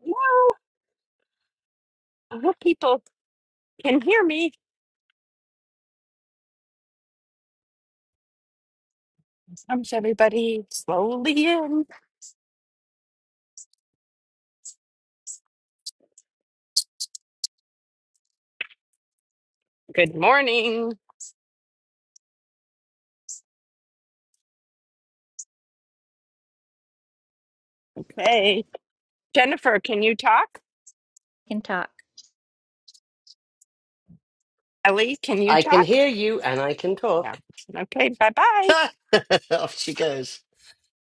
Well, I hope people can hear me. Comes everybody slowly in. Good morning. Okay. Jennifer, can you talk? can talk. Ellie, can you I can talk? hear you and I can Yeah. talk. Okay, bye bye. Off she goes.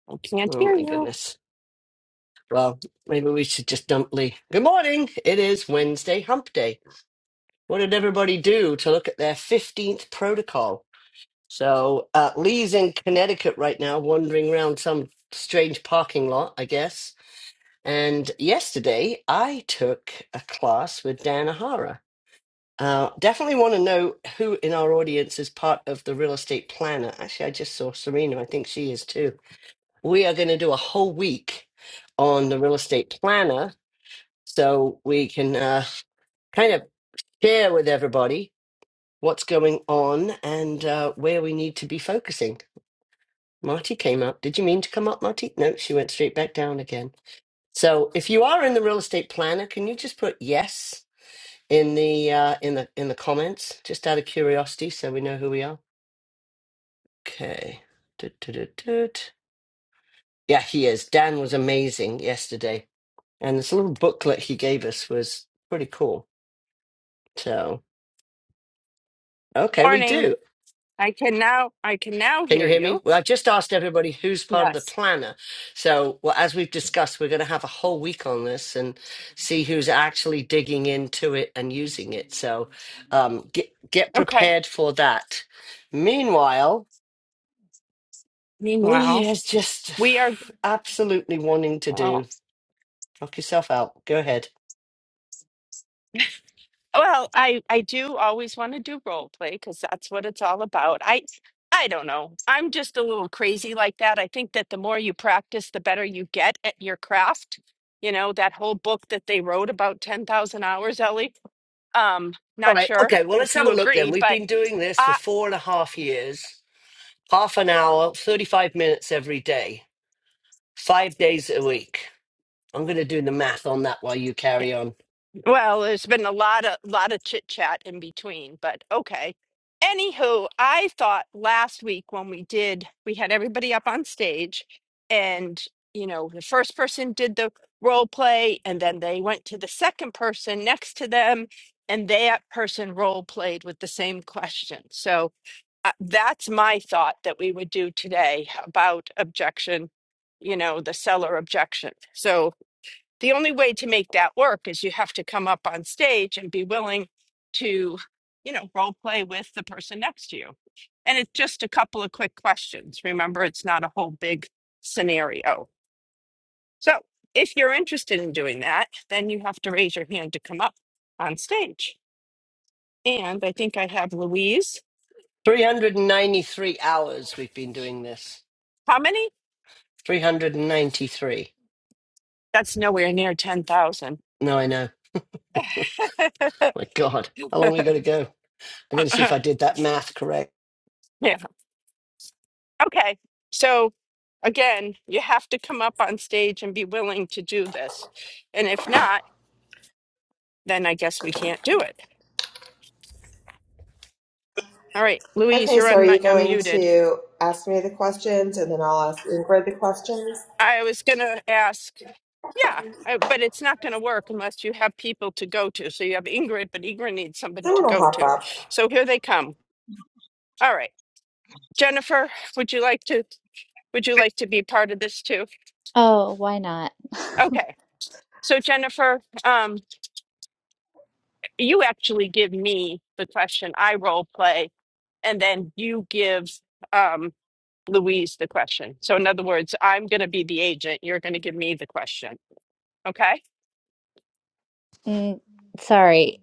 I can't Oh hear my you. goodness. Well, maybe we should just dump Lee. Good morning. It is Wednesday hump day. What did everybody do to look at their 15th protocol? So uh, Lee's in Connecticut right now, wandering around some strange parking lot, I guess. And yesterday I took a class with Dan Ahara. Uh, definitely want to know who in our audience is part of the real estate planner. Actually, I just saw Serena. I think she is too. We are going to do a whole week on the real estate planner so we can uh, kind of share with everybody what's going on and uh, where we need to be focusing. Marty came up. Did you mean to come up, Marty? No, she went straight back down again. So if you are in the real estate planner, can you just put yes in the uh, in the in the comments just out of curiosity so we know who we are? Okay. Tut, tut, tut, tut. Yeah, he is. Dan was amazing yesterday. And this little booklet he gave us was pretty cool. So, okay, we Morning. do. I can now I can now Can you hear hear me? you. Well, I just asked everybody who's part of the Yes. planner. So, well, as we've discussed, we're going to have a whole week on this and see who's actually digging into it and using it. So, um, get get Okay. prepared for that. Meanwhile, Meanwhile, Lee is just we are. absolutely wanting to well, do. Knock yourself out. Go ahead. Well, I I do always want to do role play because that's what it's all about. I I don't know. I'm just a little crazy like that. I think that the more you practice, the better you get at your craft. You know, that whole book that they wrote about 10,000 hours, Ellie. Um, All not right. sure Okay. Well, let's if have you a look then. agree, We've but been doing this for I four and a half years, half an hour, 35 minutes every day, five days a week. I'm going to do the math on that while you carry on. Well, there's been a lot of lot of chit chat in between, but okay. Anywho, I thought last week when we did, we had everybody up on stage, and you know, the first person did the role play, and then they went to the second person next to them, and that person role played with the same question. So uh, that's my thought that we would do today about objection, you know, the seller objection. So the only way to make that work is you have to come up on stage and be willing to you know role play with the person next to you and it's just a couple of quick questions remember it's not a whole big scenario so if you're interested in doing that then you have to raise your hand to come up on stage and i think i have louise 393 hours we've been doing this. how many 393. that's nowhere near 10000 No, I know. My God. How long we got to go? I got to see if I did that math correct. yeah okay so Again, you have to come up on stage and be willing to do this. And if not, then I guess we can't do it. All right, Louise, Okay, you're so are you unmi- going unmuted. to ask me the questions and then I'll ask Ingrid the questions? I was going to ask, yeah, I, but it's not going to work unless you have people to go to. So you have Ingrid, but Ingrid needs somebody to Someone will go hop to. up. So here they come. All right, Jennifer, would you like to would you like to be part of this too? Oh, why not? Okay. So Jennifer, um, you actually give me the question. I role play and then you give um, Louise the question. So, in other words, I'm going to be the agent. You're going to give me the question. Okay. Mm, sorry.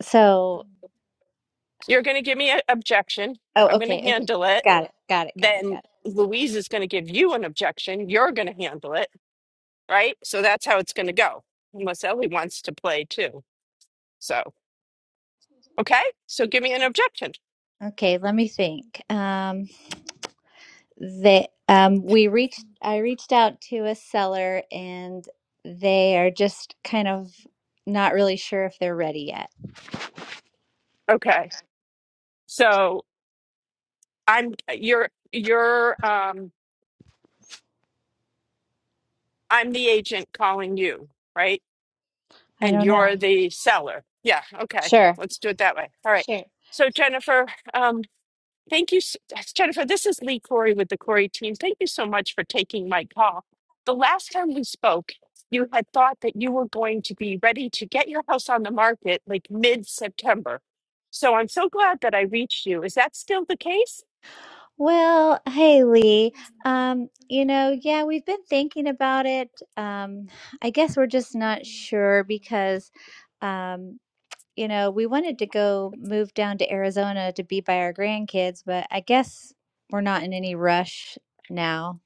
So, You're going to give me an objection. oh, I'm going okay, to okay. handle it. Got it. Got it. Got it. Then Got it. Louise is going to give you an objection. You're going to handle it. Right. So that's how it's going to go, unless Ellie wants to play too. So, okay. So give me an objection. Okay, let me think. Um, the um, we reached. I reached out to a seller, and they are just kind of not really sure if they're ready yet. Okay. So I'm, you're, you're, um, I'm the agent calling you. Right I and don't know. you're the seller. Yeah, okay. Sure. Let's do it that way. All right. Sure. So Jennifer, um, thank you, s- uh, Jennifer. This is Lee Corey with the Corey team. Thank you so much for taking my call. The last time we spoke, you had thought that you were going to be ready to get your house on the market like mid-September. So I'm so glad that I reached you. Is that still the case? Well, hey Lee. Um, you know, yeah, we've been thinking about it. Um, I guess we're just not sure because, um, you know, we wanted to go move down to Arizona to be by our grandkids, but I guess we're not in any rush now.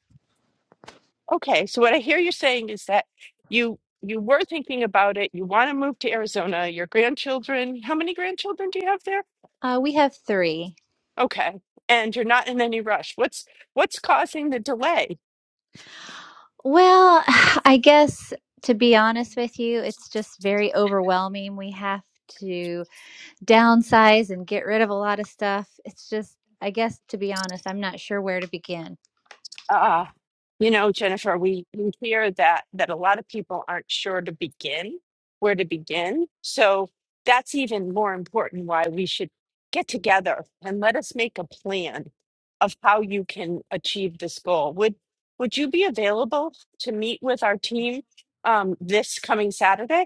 Okay. So what I hear you saying is that you you were thinking about it. You want to move to Arizona. Your grandchildren, how many grandchildren do you have there? Uh, we have three. Okay. And you're not in any rush. What's what's causing the delay? Well, I guess to be honest with you, it's just very overwhelming. We have to. downsize and get rid of a lot of stuff. It's just, I guess, to be honest, I'm not sure where to begin. Uh, you know, Jennifer, we, we hear that that a lot of people aren't sure to begin, where to begin. So that's even more important why we should get together and let us make a plan of how you can achieve this goal. Would would you be available to meet with our team um, this coming Saturday?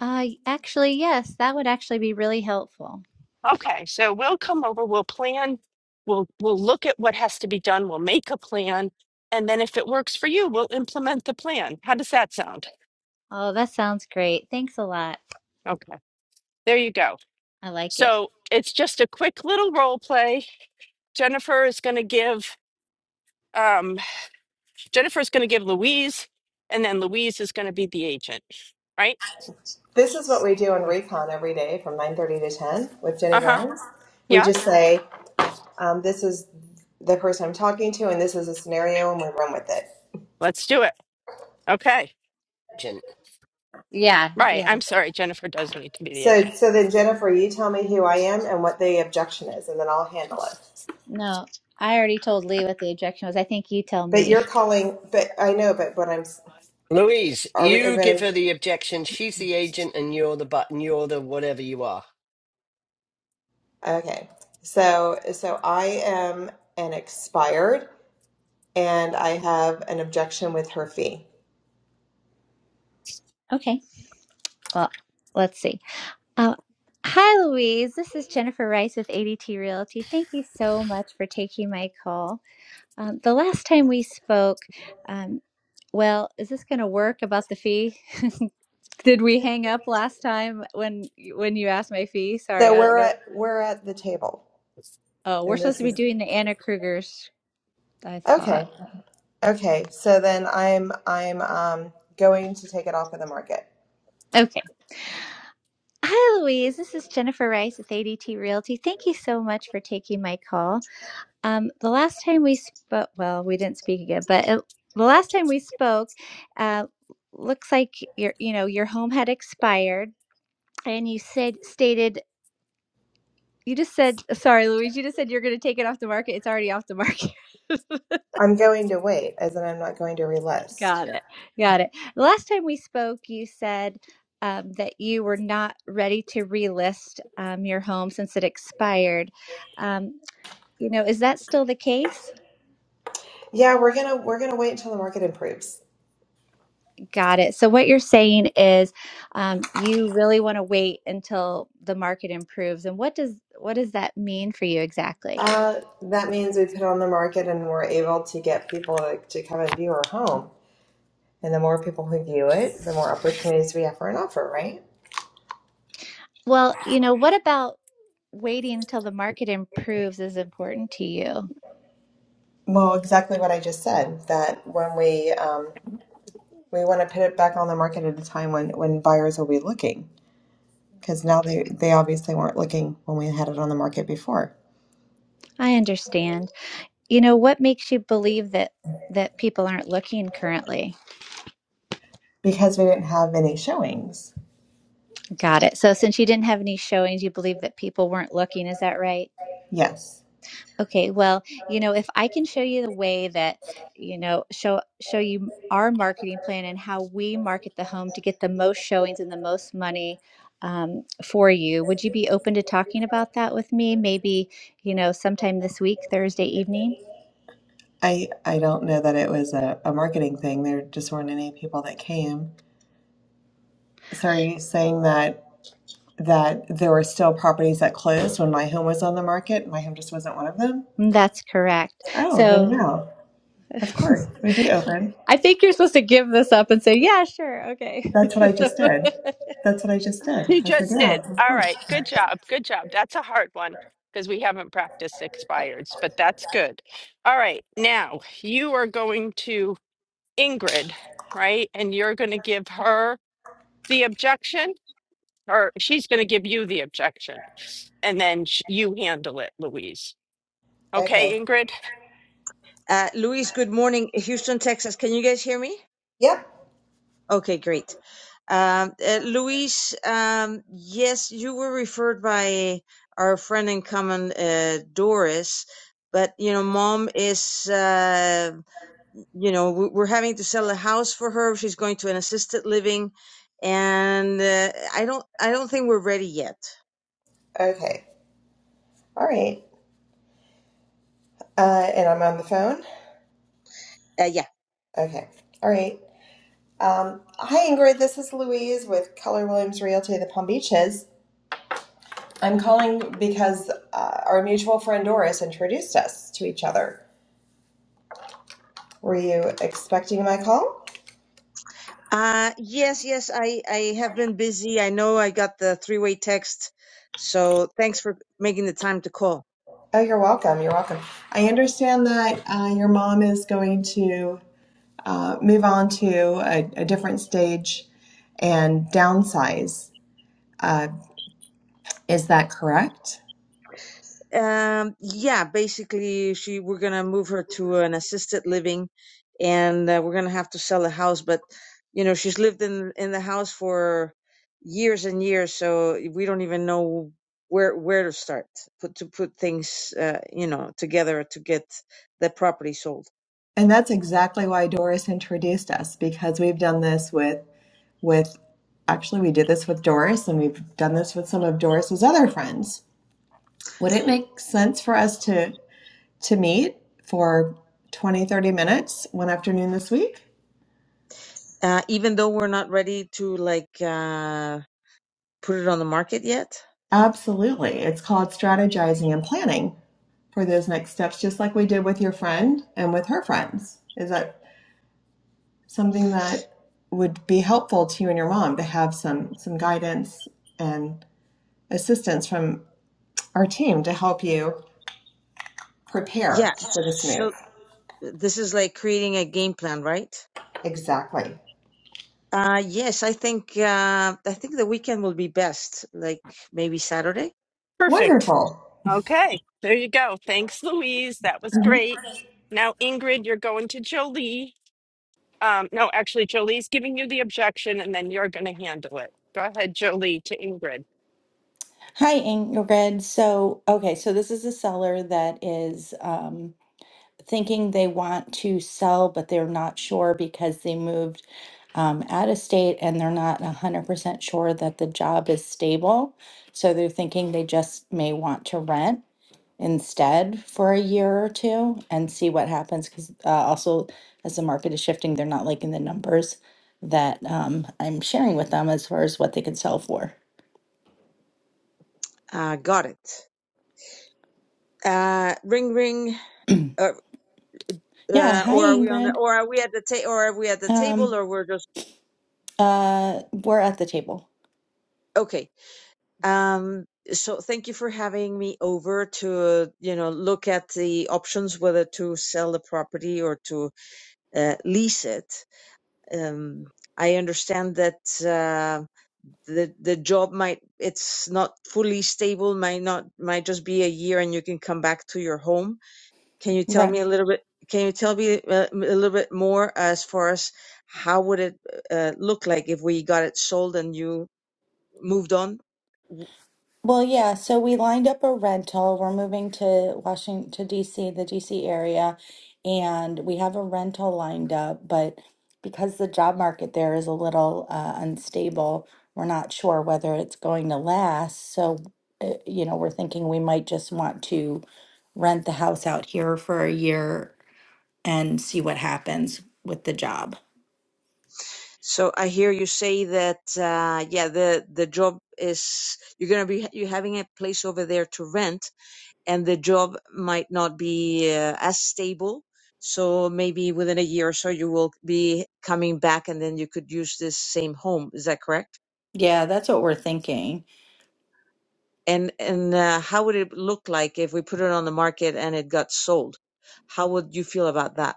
Uh, y- actually, yes, that would actually be really helpful. Okay, so we'll come over, we'll plan, we'll we'll look at what has to be done, we'll make a plan, and then if it works for you, we'll implement the plan. How does that sound? Oh, that sounds great. Thanks a lot. Okay, there you go. I like it. So it's just a quick little role play. Jennifer is going to give um Jennifer is going to give Louise, and then Louise is going to be the agent, right? This is what we do on Recon every day from 9.30 to 10 with Jenny Uh-huh. Grimes. We Yeah, just say, um, this is the person I'm talking to and this is a scenario and we run with it. let's do it. Okay. Agent. Yeah, Right. yeah. I'm sorry, Jennifer does need to be the agent. So, so then Jennifer, you tell me who I am and what the objection is and then I'll handle it. No, I already told Lee what the objection was. I think you tell But me. you're calling, but I know, but what I'm, s- Louise, are we are you give going her to, the objection. She's the agent and you're the button. You're the whatever you are. okay. So, so I am an expired. and I have an objection with her fee. Okay. Well, let's see. Um, hi, Louise. This is Jennifer Rice with ADT Realty. Thank you so much for taking my call. Um, the last time we spoke, um, well, is this going to work about the fee? Did we hang up last time when when you asked my fee? Sorry, So I don't we're know. at we're at the table, Oh, we're and supposed this to be is doing the Anna Krugers. I thought. okay. Okay, so then I'm I'm um, going to take it off of the market. Okay. Hi, Louise. This is Jennifer Rice with ADT Realty. Thank you so much for taking my call. Um, the last time we spoke, well, we didn't speak again, but it, the last time we spoke, uh, looks like your, you know, your home had expired, and you said stated you just said sorry, Louise. You just said you're going to take it off the market. It's already off the market. I'm going to wait, as in I'm not going to relist. Got it. Got it. The last time we spoke, you said um, that you were not ready to relist um, your home since it expired. Um, You know, is that still the case? Yeah, we're gonna we're gonna wait until the market improves. Got it. So, what you're saying is, um, you really want to wait until the market improves. And what does what does that mean for you exactly? Uh, that means we put it on the market and we're able to get people to, to come and view our home. And the more people who view it, the more opportunities we have for an offer, right? Well, you know, what about waiting until the market improves is important to you? Well, exactly what I just said. That when we um, we want to put it back on the market at a time when when buyers will be looking because now they they obviously weren't looking when we had it on the market before I understand. You know, what makes you believe that that people aren't looking currently? because we didn't have any showings Got it. So, since you didn't have any showings, you believe that people weren't looking. Is that right? yes Okay, well, you know, if I can show you the way that, you know, show show you our marketing plan and how we market the home to get the most showings and the most money um, for you, would you be open to talking about that with me? Maybe, you know, sometime this week, Thursday evening? i i don't know that it was a, a marketing thing there just weren't any people that came so are you saying that that there were still properties that closed when my home was on the market my home just wasn't one of them Mm, That's correct. oh then So yeah of course we'd be open I think you're supposed to give this up and say, yeah, sure, okay. that's what i just So did that's what i just did He i said just yeah did. of All course right. Good job. Good job. That's a hard one because we haven't practiced expireds, but that's good. All right. Now you are going to Ingrid, right? And you're going to give her the objection, or she's going to give you the objection, and then sh- you handle it, Louise. okay Okay, Ingrid? Uh, Luis, good morning, Houston, Texas. Can you guys hear me? yep Okay, great. Um, uh, Luis, um, yes, you were referred by our friend in common, uh, Doris, but you know, mom is, uh, you know, we- we're having to sell a house for her. She's going to an assisted living, and uh, I don't, I don't think we're ready yet. Okay. All right. Uh, and I'm on the phone. Uh, yeah, Okay. All right. Um, hi, Ingrid. This is Louise with Keller Williams Realty of the Palm Beaches. I'm calling because uh, our mutual friend Doris introduced us to each other. Were you expecting my call? Uh, yes, yes, I, I have been busy. I know I got the three-way text, so thanks for making the time to call. Oh, you're welcome. You're welcome. I understand that uh, your mom is going to uh, move on to a, a different stage and downsize. Uh, is that correct? Um, yeah, basically, she we're gonna move her to an assisted living, and uh, we're gonna have to sell the house. But you know, she's lived in in the house for years and years, so we don't even know where where to start put to put things uh, you know together to get the property sold. And that's exactly why Doris introduced us because we've done this with with actually we did this with Doris and we've done this with some of Doris's other friends. Would it make sense for us to to meet for 20 30 minutes one afternoon this week? Uh, even though we're not ready to like. Uh, Put it on the market yet? Absolutely. It's called strategizing and planning for those next steps just like we did with your friend and with her friends. Is that something that would be helpful to you and your mom to have some some guidance and assistance from our team to help you Yeah. prepare for this So move. this is like creating a game plan, right? Exactly. Uh, yes, I think uh, I think the weekend will be best, like maybe Saturday. Perfect. Wonderful. Okay. There you go. Thanks, Louise. That was Mhm. great. Now, Ingrid, you're going to Jolie. Um, no, actually, Jolie's giving you the objection and then you're going to handle it. Go ahead, Jolie, to Ingrid. Hi, Ingrid. So, okay, so this is a seller that is um, thinking they want to sell, but they're not sure because they moved um, out of state and they're not 100% sure that the job is stable. So they're thinking they just may want to rent instead for a year or two and see what happens. Because uh, also, as the market is shifting, they're not liking the numbers that um, I'm sharing with them as far as what they could sell for. Uh, got it. Uh, ring, ring. Uh, Yeah, uh, hi, or are we on the? Ingrid. Or are we at the ta- Or are we at the table? Um, Or we're just Uh, we're at the table. okay. Um, so thank you for having me over to uh, you know look at the options whether to sell the property or to uh, lease it. um, I understand that uh, the the job might it's not fully stable, might not might just be a year, and you can come back to your home. Can you tell Right. me a little bit? Can you tell me uh, a little bit more as far as how would it uh, look like if we got it sold and you moved on? Well, yeah, so we lined up a rental. We're moving to Washington to DC, the DC area, and we have a rental lined up, but because the job market there is a little uh, unstable, we're not sure whether it's going to last. So, uh, you know, we're thinking we might just want to rent the house out here for a year and see what happens with the job. So I hear you say that uh, yeah, the the job is you're gonna be you having a place over there to rent, and the job might not be uh, as stable. So maybe within a year or so, you will be coming back, and then you could use this same home. Is that correct? Yeah, that's what we're thinking. And and uh, how would it look like if we put it on the market and it got sold? How would you feel about that?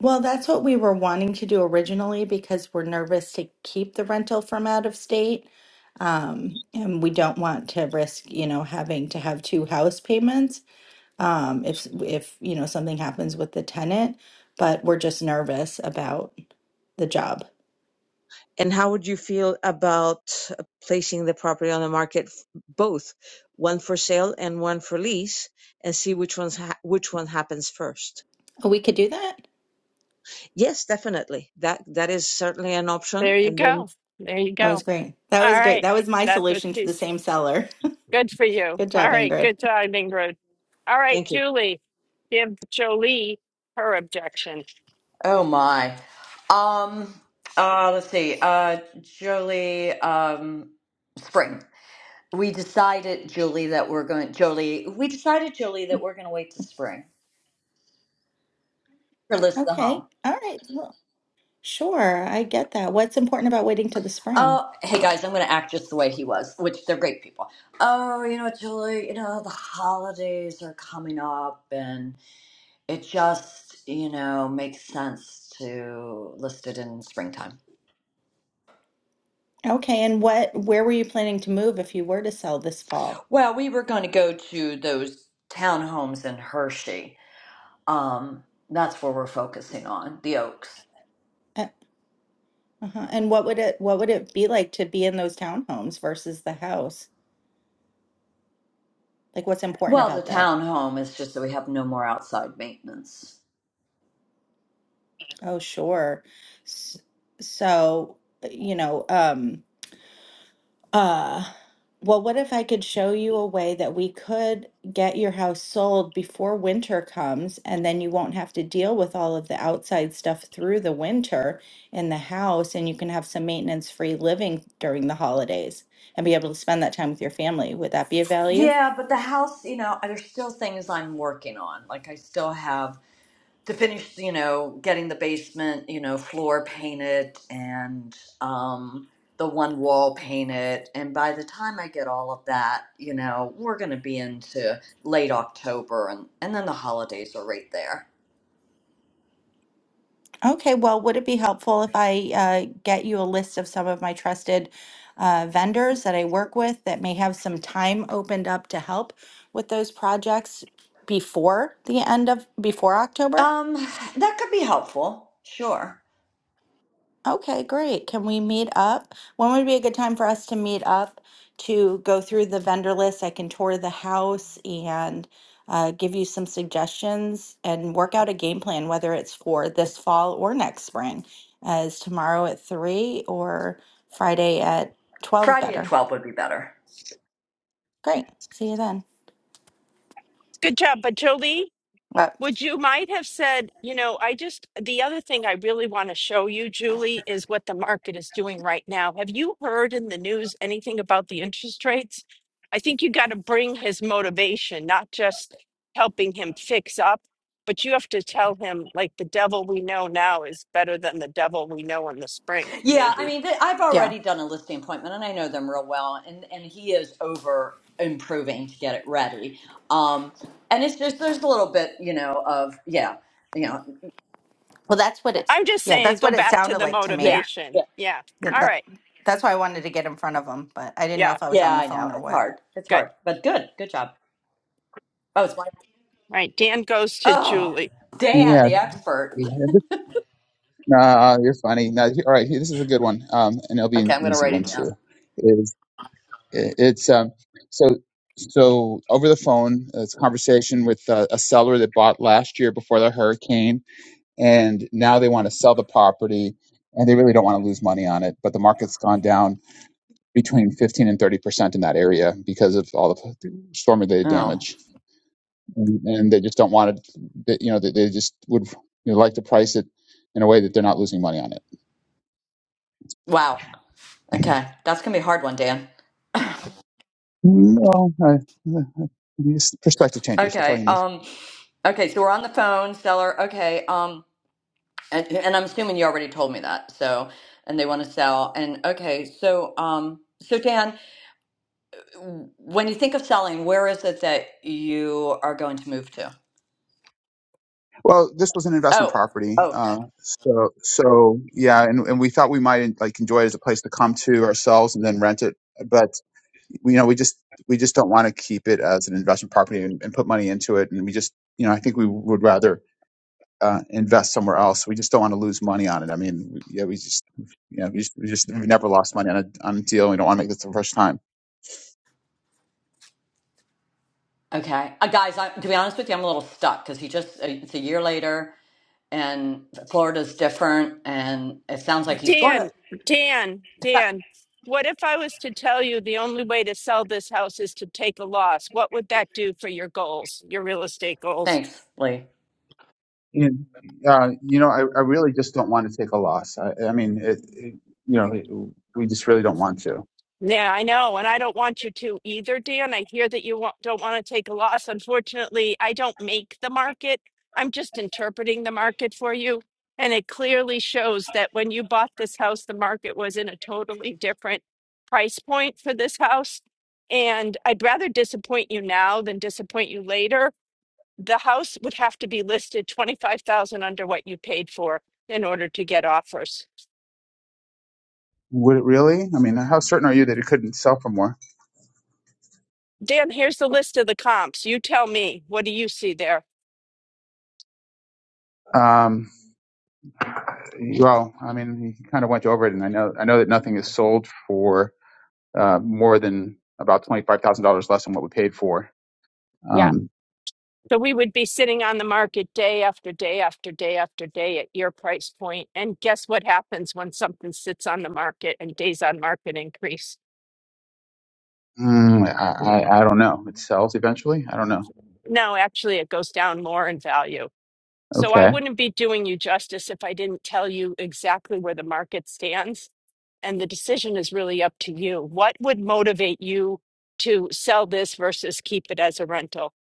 Well, that's what we were wanting to do originally because we're nervous to keep the rental from out of state. Um, and we don't want to risk, you know, having to have two house payments um, if if you know something happens with the tenant. But we're just nervous about the job. And how would you feel about uh, placing the property on the market, f- both one for sale and one for lease, and see which one's ha- which one happens first? Oh, we could do that. Yes, definitely. That that is certainly an option, There you and then go. There you That go. was great. That was All great. right. That was my That's what solution to the she's same seller. good for you. Good All job, right. Ingrid. Good job, Ingrid. All right, Thank you. Julie, give Jolie her objection. Oh my. Um uh let's see. Uh Jolie um spring. We decided, Julie, that we're going Jolie we decided, Jolie, that we're gonna wait to spring for Liz to Okay. home. All right. Well, sure. I get that. What's important about waiting till the spring? Oh, hey guys, I'm gonna act just the way he was, which they're great people. Oh, you know, Julie, you know, the holidays are coming up and it just, you know, makes sense to list it in springtime. Okay, and what, where were you planning to move if you were to sell this fall? Well, we were going to go to those townhomes in Hershey Um, that's where we're focusing on the oaks. Uh, uh-huh. And what would it, what would it be like to be in those townhomes versus the house? Like, what's important Well, the about that? townhome is just that we have no more outside maintenance. Oh, sure. S- So, you know, um, Uh, well, what if I could show you a way that we could get your house sold before winter comes, and then you won't have to deal with all of the outside stuff through the winter in the house, and you can have some maintenance-free living during the holidays and be able to spend that time with your family. Would that be of value? Yeah, but the house, you know, there's still things I'm working on. Like I still have to finish, you know, getting the basement, you know, floor painted and um the one wall painted. And by the time I get all of that, you know, we're gonna be into late October and, and then the holidays are right there. Okay, well, would it be helpful if I uh, get you a list of some of my trusted uh, vendors that I work with that may have some time opened up to help with those projects before the end of, before October? Um, that could be helpful, sure. Okay, great. Can we meet up? When would be a good time for us to meet up to go through the vendor list? I can tour the house and uh, give you some suggestions and work out a game plan, whether it's for this fall or next spring. Uh, is tomorrow at three or Friday at 12 Friday at better? 12 would be better. Great. See you then. Good job. But Jolie, But Would you might have said, you know, I just, the other thing I really want to show you, Julie, is what the market is doing right now. Have you heard in the news anything about the interest rates? I think you got to bring his motivation, not just helping him fix up, but you have to tell him, like, the devil we know now is better than the devil we know in the spring, Yeah, I maybe. mean, th- I've yeah, already done a listing appointment, and I know them real well. And and he is over improving to get it ready. Um, and it's just there's a little bit, you know, of yeah, you know, well, that's what it, I'm just yeah, saying, that's go what it back to sounded the like to yeah, me. motivation. yeah, Yeah. Yeah, All that, right. that's why I wanted to get in front of them, but I didn't know Yeah. if I was yeah. on the I phone know or it's what. hard. It's Good. hard, but good, good job. Oh, it's my All right. Dan goes to oh, Julie. Dan, Yeah, the expert. we this- nah, uh, you're funny. Now, all right, here- this is a good one, um, and it'll be Okay, an I'm gonna easy write one it down. too. Is it- it's um, so so over the phone, uh, it's a conversation with uh, a seller that bought last year before the hurricane, and now they want to sell the property, and they really don't want to lose money on it, but the market's gone down between 15 and 30 percent in that area because of all the storm-related Oh, damage and, and they just don't want it. They, you know, they, they just would you know, like to price it in a way that they're not losing money on it. wow. Okay, that's gonna be a hard one, Dan. No, I, these perspective changers. That's all you Okay. need. Um. Okay, so we're on the phone, seller. Okay. Um. And, and I'm assuming you already told me that. So, and they want to sell. And okay, so um, so Dan, when you think of selling, where is it that you are going to move to? Well, this was an investment Oh, property, oh, okay, uh, so so yeah, and, and we thought we might like enjoy it as a place to come to ourselves and then rent it, but you know we just we just don't want to keep it as an investment property and, and put money into it, and we just you know I think we would rather uh, invest somewhere else. We just don't want to lose money on it. I mean, we- yeah, we just, you know, we just, we just we've never lost money on a, on a deal. We don't want to make this the first time. okay, uh, guys. I, to be honest with you, I'm a little stuck because he just uh, it's a year later, and Florida's different, and it sounds like he's going to. Dan, Dan, Dan, what if I was to tell you the only way to sell this house is to take a loss? What would that do for your goals, your real estate goals? Thanks, Lee. And, uh, you know, I, I really just don't want to take a loss. I, I mean, it, it, you know, it, we just really don't want to. Yeah, I know. And I don't want you to either, Dan. I hear that you wa- don't want to take a loss. Unfortunately, I don't make the market. I'm just interpreting the market for you. And it clearly shows that when you bought this house, the market was in a totally different price point for this house. And I'd rather disappoint you now than disappoint you later the house would have to be listed 25,000 under what you paid for in order to get offers. Would it really? I mean, how certain are you that it couldn't sell for more? Dan, here's the list of the comps. You tell me, what do you see there? Um, well, I mean, you kind of went over it, and I know, I know that nothing is sold for uh, more than about twenty five thousand dollars less than what we paid for. Yeah. Um, So we would be sitting on the market day after day after day after day at your price point, point. And guess what happens when something sits on the market and days on market increase? Mm, I, I, I don't know. It sells eventually. I don't know. No, actually, it goes down more in value. So I Okay. wouldn't be doing you justice if I didn't tell you exactly where the market stands and the decision is really up to you. What would motivate you to sell this versus keep it as a rental?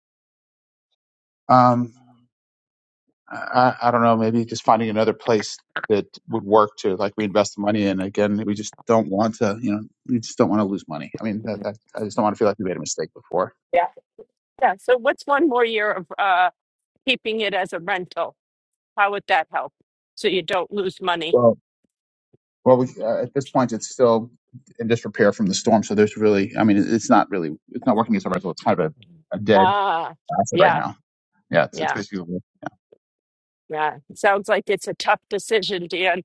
Um, I, I I don't know. Maybe just finding another place that would work to like we invest the money in. Again, we just don't want to. You know, we just don't want to lose money. I mean, that, that, I just don't want to feel like we made a mistake before. Yeah. Yeah. So what's one more year of uh, keeping it as a rental? How would that help? So you don't lose money. Well, well, we, uh, at this point, it's still in disrepair from the storm. So there's really, I mean, it- it's not really, it's not working as a rental. It's kind of a, a dead Ah, asset right yeah, now. Yeah, it's, it's yeah, basically, yeah. It sounds like it's a tough decision, Dan.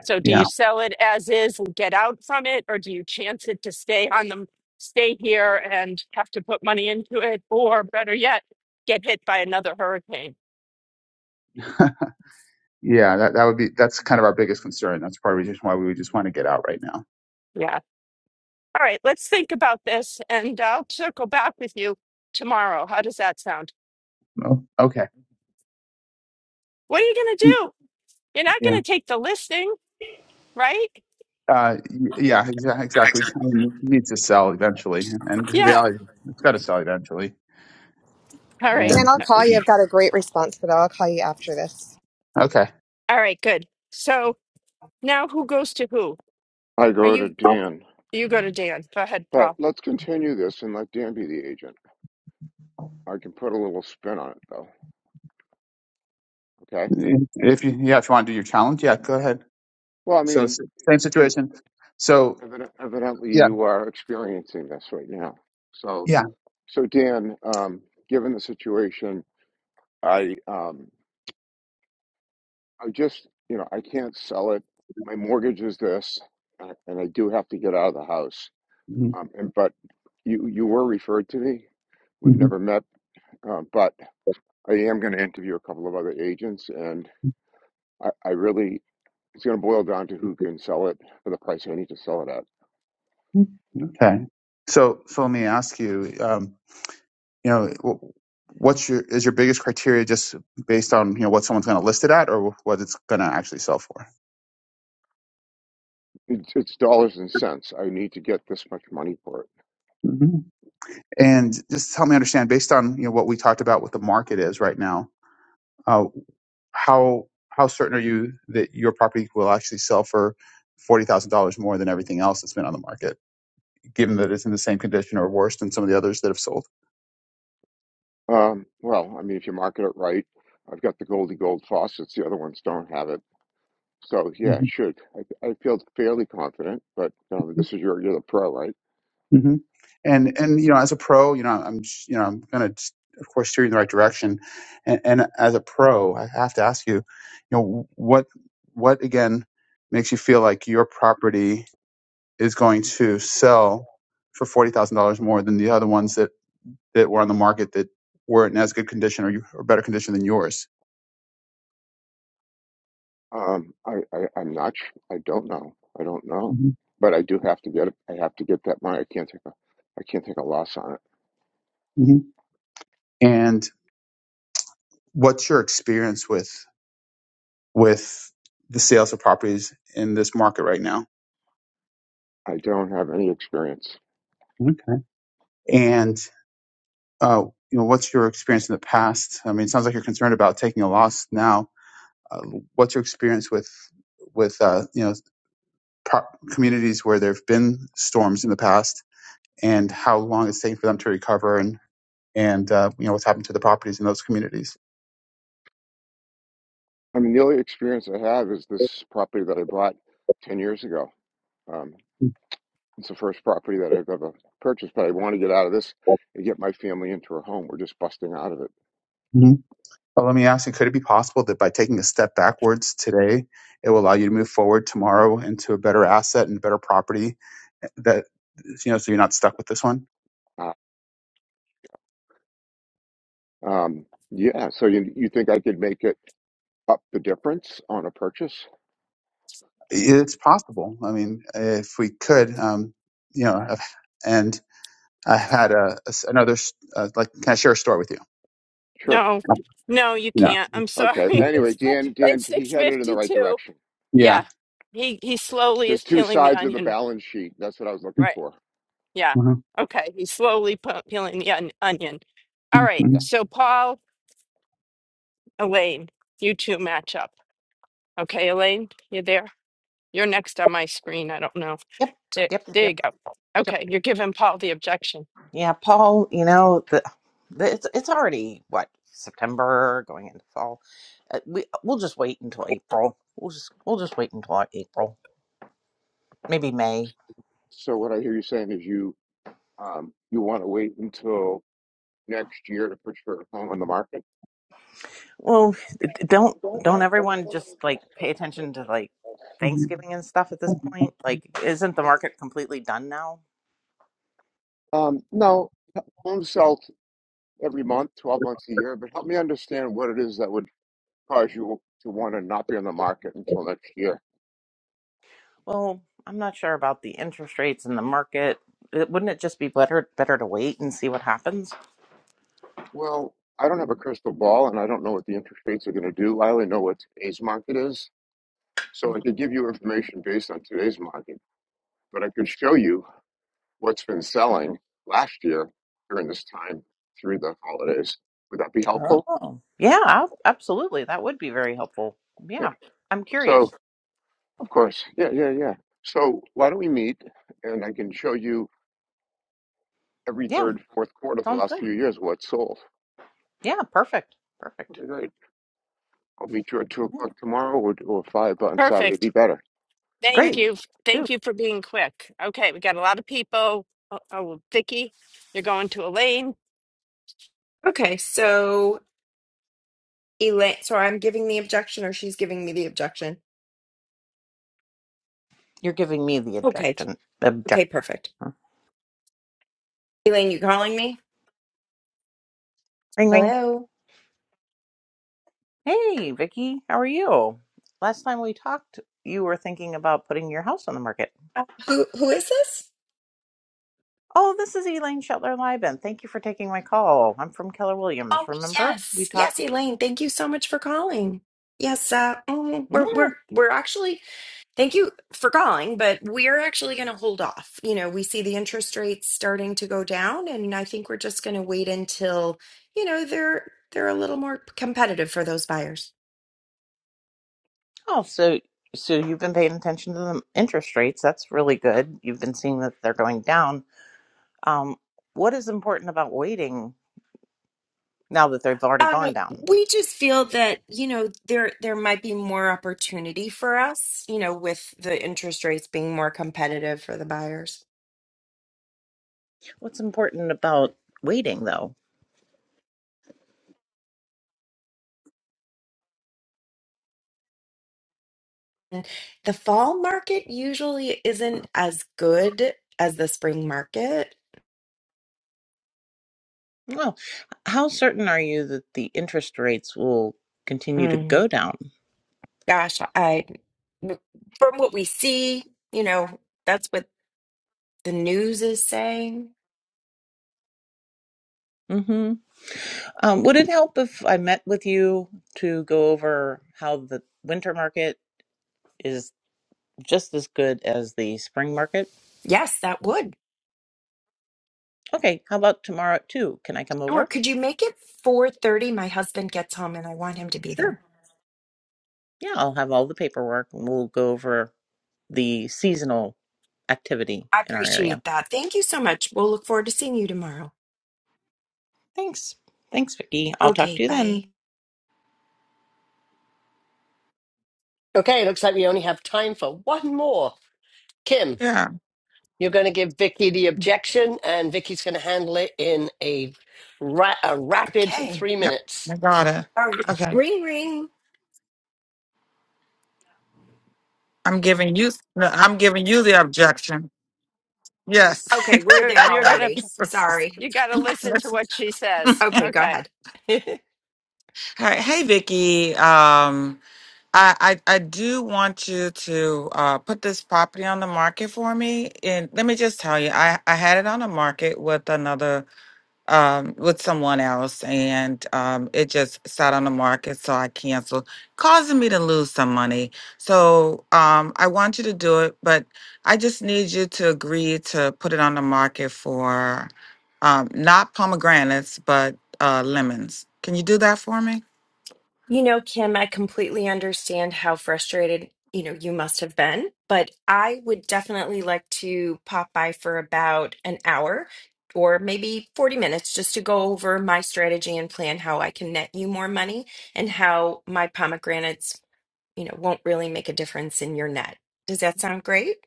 So do yeah. you sell it as is and get out from it, or do you chance it to stay on them, stay here and have to put money into it, or better yet, get hit by another hurricane? Yeah. Yeah, that, that would be that's kind of our biggest concern. That's part of the reason why we would just want to get out right now. Yeah. All right, let's think about this and I'll circle back with you tomorrow. How does that sound? No. Okay. What are you going to do? You're not going Yeah. to take the listing, right? Uh, y- yeah, exa- exactly. Exactly. It needs to sell eventually, and the Yeah. reality it's got to sell eventually. All right. And Dan, I'll call yeah, you. I've got a great response for that. I'll call you after this. okay, All right, good. So now who goes to who? I Are go to you Dan. you go to Dan. Go ahead, But Paul. let's continue this and let Dan be the agent. I can put a little spin on it, though. Okay. if you yeah, if you want to do your challenge, yeah, go ahead. Well, I So s- mean, same you- situation. So eviden- evidently yeah, you are experiencing this right now. So, yeah. so Dan, um, given the situation, I, um, I just, you know, I can't sell it. My mortgage is this, and and I do have to get out of the house. Mhm. Um, and but you, you were referred to me. We've never met, uh, but I am going to interview a couple of other agents, and I, I really, it's going to boil down to who can sell it for the price I need to sell it at. Mhm. Okay. So so let me ask you. um, you know, what's your is your biggest criteria just based on you know what someone's going to list it at or what it's going to actually sell for? It's, it's dollars and cents. I need to get this much money for it. hmm And just help me understand based on you know what we talked about what the market is right now. Uh, how how certain are you that your property will actually sell for forty thousand dollars more than everything else that's been on the market, given that it's in the same condition or worse than some of the others that have sold? Um, well, I mean, if you market it right, I've got the Goldie Gold faucets. The other ones don't have it. So yeah, it Mhm. should. I, I feel fairly confident, but um, this is your, you're the pro, right? hmm And and you know, as a pro, you know, I'm you know, I'm gonna of course steer you in the right direction. And, and as a pro, I have to ask you, you know, what what again makes you feel like your property is going to sell for forty thousand dollars more than the other ones that that were on the market that weren't in as good condition or you or better condition than yours? Um, I, I, I'm not. sh- I don't know. I don't know. hmm But I do have to get it. I have to get that money. I can't take a. I can't take a loss on it. hmm And what's your experience with with the sales of properties in this market right now? I don't have any experience. Okay. And uh, you know, what's your experience in the past? I mean, it sounds like you're concerned about taking a loss now. Uh, what's your experience with with uh, you know pro- communities where there have been storms in the past, and how long it's taken for them to recover, and and uh, you know what's happened to the properties in those communities? I mean, the only experience I have is this property that I bought 10 years ago. Um, it's the first property that I've ever purchased, but I want to get out of this and get my family into a home. We're just busting out of it. Mhm. Well, let me ask you: Could it be possible that by taking a step backwards today, it will allow you to move forward tomorrow into a better asset and better property eh, that you know, so you're not stuck with this one? Uh, um, yeah, so you you think I could make a up the difference on a purchase? It's possible. I mean, if we could, um, you know, I've- and I had a, a s- another, s- uh, like, can I share a story with you? Sure. No. No, you Yeah. can't. I'm Okay. sorry. Anyway, It's fi- Dan, Dan, it's he headed in the right 6:52. direction. Yeah. Yeah. He he slowly There's is two peeling the sides of the onion. balance sheet. That's what I was looking Right. for. Yeah. Mhm. Okay, he's slowly pe- peeling the on- onion. All right. Yeah. So Paul Elaine, you two match up. Okay, Elaine, you there? You're next on my screen. I don't know. Yep, There, yep, yep, there you yep, go. yep. Okay, you're giving Paul the objection. Yeah, Paul, you know, the, the it's it's already what September going into fall. Uh, we we'll just wait until April. We'll just we'll just wait until April, maybe May. So what I hear you saying is you um you want to wait until next year to put your home on the market? Well, d- d- don't don't everyone just like pay attention to like Mhm. Thanksgiving and stuff at this point? Like, isn't the market completely done now? Um, no, homes sell every month, 12 months a year, but help me understand what it is that would cause you to want to not be on the market until next year. Well, I'm not sure about the interest rates in the market. It, wouldn't it just be better better to wait and see what happens? Well, I don't have a crystal ball and I don't know what the interest rates are going to do. I only know what today's market is. So I could give you information based on today's market, but I could show you what's been selling last year during this time through the holidays. Would that be helpful? Oh, yeah, ab- absolutely. That would be very helpful. Yeah. Yeah, I'm curious. So, of course. Yeah, yeah, yeah. So, why don't we meet and I can show you every Yeah, third, fourth quarter for the sounds last good. few years what sold. Yeah, perfect. Perfect. Okay, great. I'll meet you at two Yeah, o'clock tomorrow or, or five on Saturday. Be Perfect. better. Thank great. you. Dude, Thank you for being quick. Okay, we got a lot of people. Oh, oh Vicky, you're going to Elaine. Okay, so Elaine, so I'm giving the objection or she's giving me the objection. you're giving me the Okay, Correct. objection. okay, Objection. perfect. Elaine, you calling me? Ring, ring. Hello. Hey, Vicky, how are you? Last time we talked, you were thinking about putting your house on the market. Uh, who who is this? Oh, this is Elaine Shetler Lieben. Thank you for taking my call. I'm from Keller Oh, Williams. Remember we yes. Yes, talked? Elaine, thank you so much for calling. Yes, uh mm, Yeah. we're we're we're actually thank you for calling, but we're actually going to hold off. You know, we see the interest rates starting to go down and I think we're just going to wait until, you know, they're they're a little more competitive for those buyers. Oh, so so you've been paying attention to the interest rates. That's really good. You've been seeing that they're going down. Um, what is important about waiting now that they've already Uh, gone down? we just feel that, you know, there there might be more opportunity for us, you know, with the interest rates being more competitive for the buyers. What's important about waiting though? And the fall market usually isn't as good as the spring market. Well, how certain are you that the interest rates will continue to Mm, go down? gosh, I from what we see, you know, that's what the news is saying. hmm Um, would it help if I met with you to go over how the winter market is just as good as the spring market? Yes, that would. Okay, how about tomorrow at two? Can I come Or over? could you make it 4:30? My husband gets home and I want him to be Sure. there. Yeah, I'll have all the paperwork and we'll go over the seasonal activity I in our area. appreciate that. Thank you so much. We'll look forward to seeing you tomorrow. Thanks. Thanks, Vicki. I'll talk Okay, to you bye. then. Okay. Looks like we only have time for one more. Kim. Yeah. You're going to give Vicky the objection, and Vicky's going to handle it in a, ra- a rapid Okay. three Yep. minutes. I got it. All right. Okay. Ring, ring. I'm giving you. No, I'm giving you the objection. Yes. Okay, we're You're there you're gonna already. Sorry. you got to All listen to what she says. Okay, go Okay. ahead. right. Hey, Vicky. Um, I, I I do want you to uh put this property on the market for me, and let me just tell you, I I had it on the market with another um, with someone else, and um, it just sat on the market, so I canceled, causing me to lose some money. So um, I want you to do it, but I just need you to agree to put it on the market for um, not pomegranates, but uh, lemons. Can you do that for me? you know, Kim, I completely understand how frustrated, you know, you must have been, but I would definitely like to pop by for about an hour or maybe 40 minutes just to go over my strategy and plan how I can net you more money and how my pomegranates you know, won't really make a difference in your net. Does that sound great?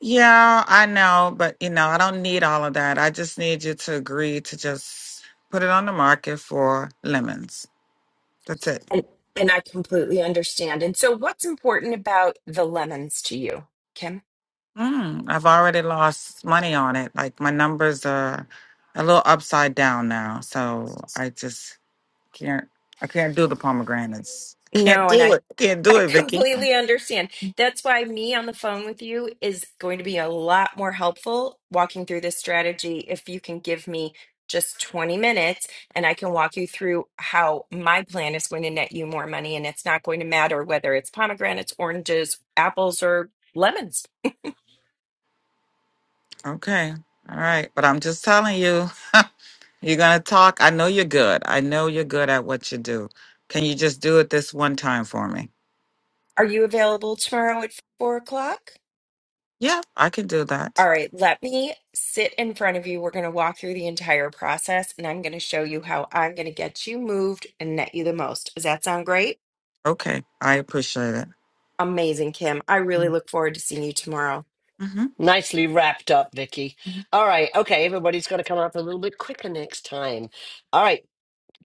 Yeah, I know, but you know, I don't need all of that. I just need you to agree to just put it on the market for lemons. That's it. And, and I completely understand. And so, what's important about the lemons to you, Kim? Mm, I've already lost money on it. Like my numbers are a little upside down now, so I just can't. I can't do the pomegranates. Can't No, and I do it. Can't do I it, Vicky. completely understand. That's why me on the phone with you is going to be a lot more helpful walking through this strategy if you can give me just 20 minutes and I can walk you through how my plan is going to net you more money and it's not going to matter whether it's pomegranates, oranges, apples or lemons. Okay. All right. But I'm just telling you. You're going to talk. I know you're good. I know you're good at what you do. Can you just do it this one time for me? Are you available tomorrow at four o'clock? Yeah, I can do that. All right, let me sit in front of you. We're going to walk through the entire process and I'm going to show you how I'm going to get you moved and net you the most. Does that sound great? Okay. I appreciate Amazing, Kim. I really it. look forward to seeing you tomorrow. hmm Nicely wrapped up, Vicky. All right. Okay. Everybody's got to come up a little bit quicker next time. All right.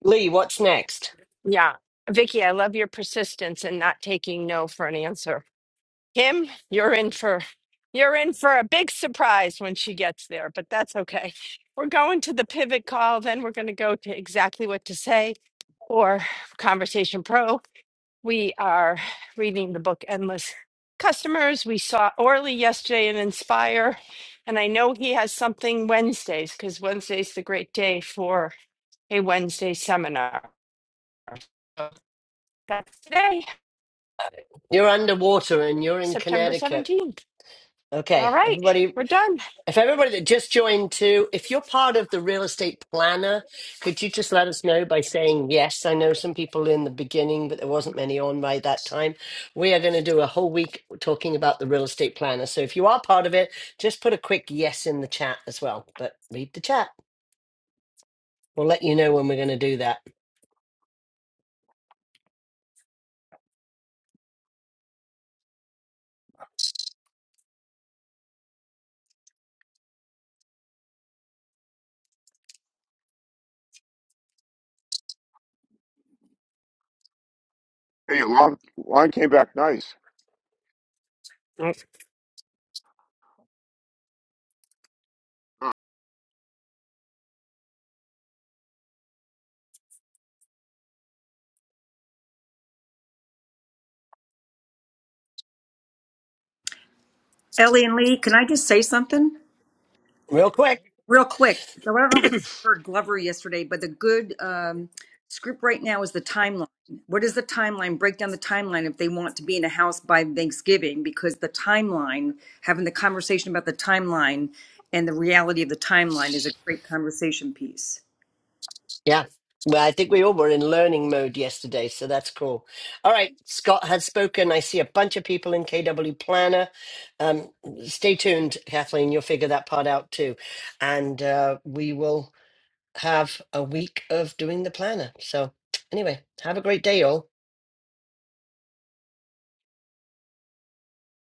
Lee, what's next? Yeah. Vicky, I love your persistence and not taking no for an answer. Kim, you're in for you're in for a big surprise when she gets there, but that's okay. We're going to the pivot call, then we're going to go to exactly what to say or Conversation Pro. We are reading the book Endless Customers. We saw Orly yesterday in Inspire, and I know he has something Wednesdays because Wednesday's the great day for a Wednesday seminar. That's today, You're underwater and you're in September Connecticut. 17th. All Okay. right, Everybody we're done. If everybody that just joined too, if you're part of the real estate planner, could you just let us know by saying yes? I know some people in the beginning, but there wasn't many on by that time. We are going to do a whole week talking about the real estate planner. So if you are part of it, just put a quick yes in the chat as well. But read the chat. We'll let you know when we're going to do that. Hey, your lawn, lawn came back nice. Huh? Ellie and Lee, can I just say something Real quick. real quick? So I don't know if I heard Glover yesterday, but the good um, script right now is the timeline. What is the timeline? Break down the timeline if they want to be in a house by Thanksgiving, because the timeline, having the conversation about the timeline and the reality of the timeline is a great conversation piece. Yeah. Well, I think we all were in learning mode yesterday, so that's cool. All right, Scott has spoken. I see a bunch of people in KW Planner. Um, stay tuned, Kathleen. You'll figure that part out too, and uh, we will have a week of doing the planner. So, anyway, have a great day, all.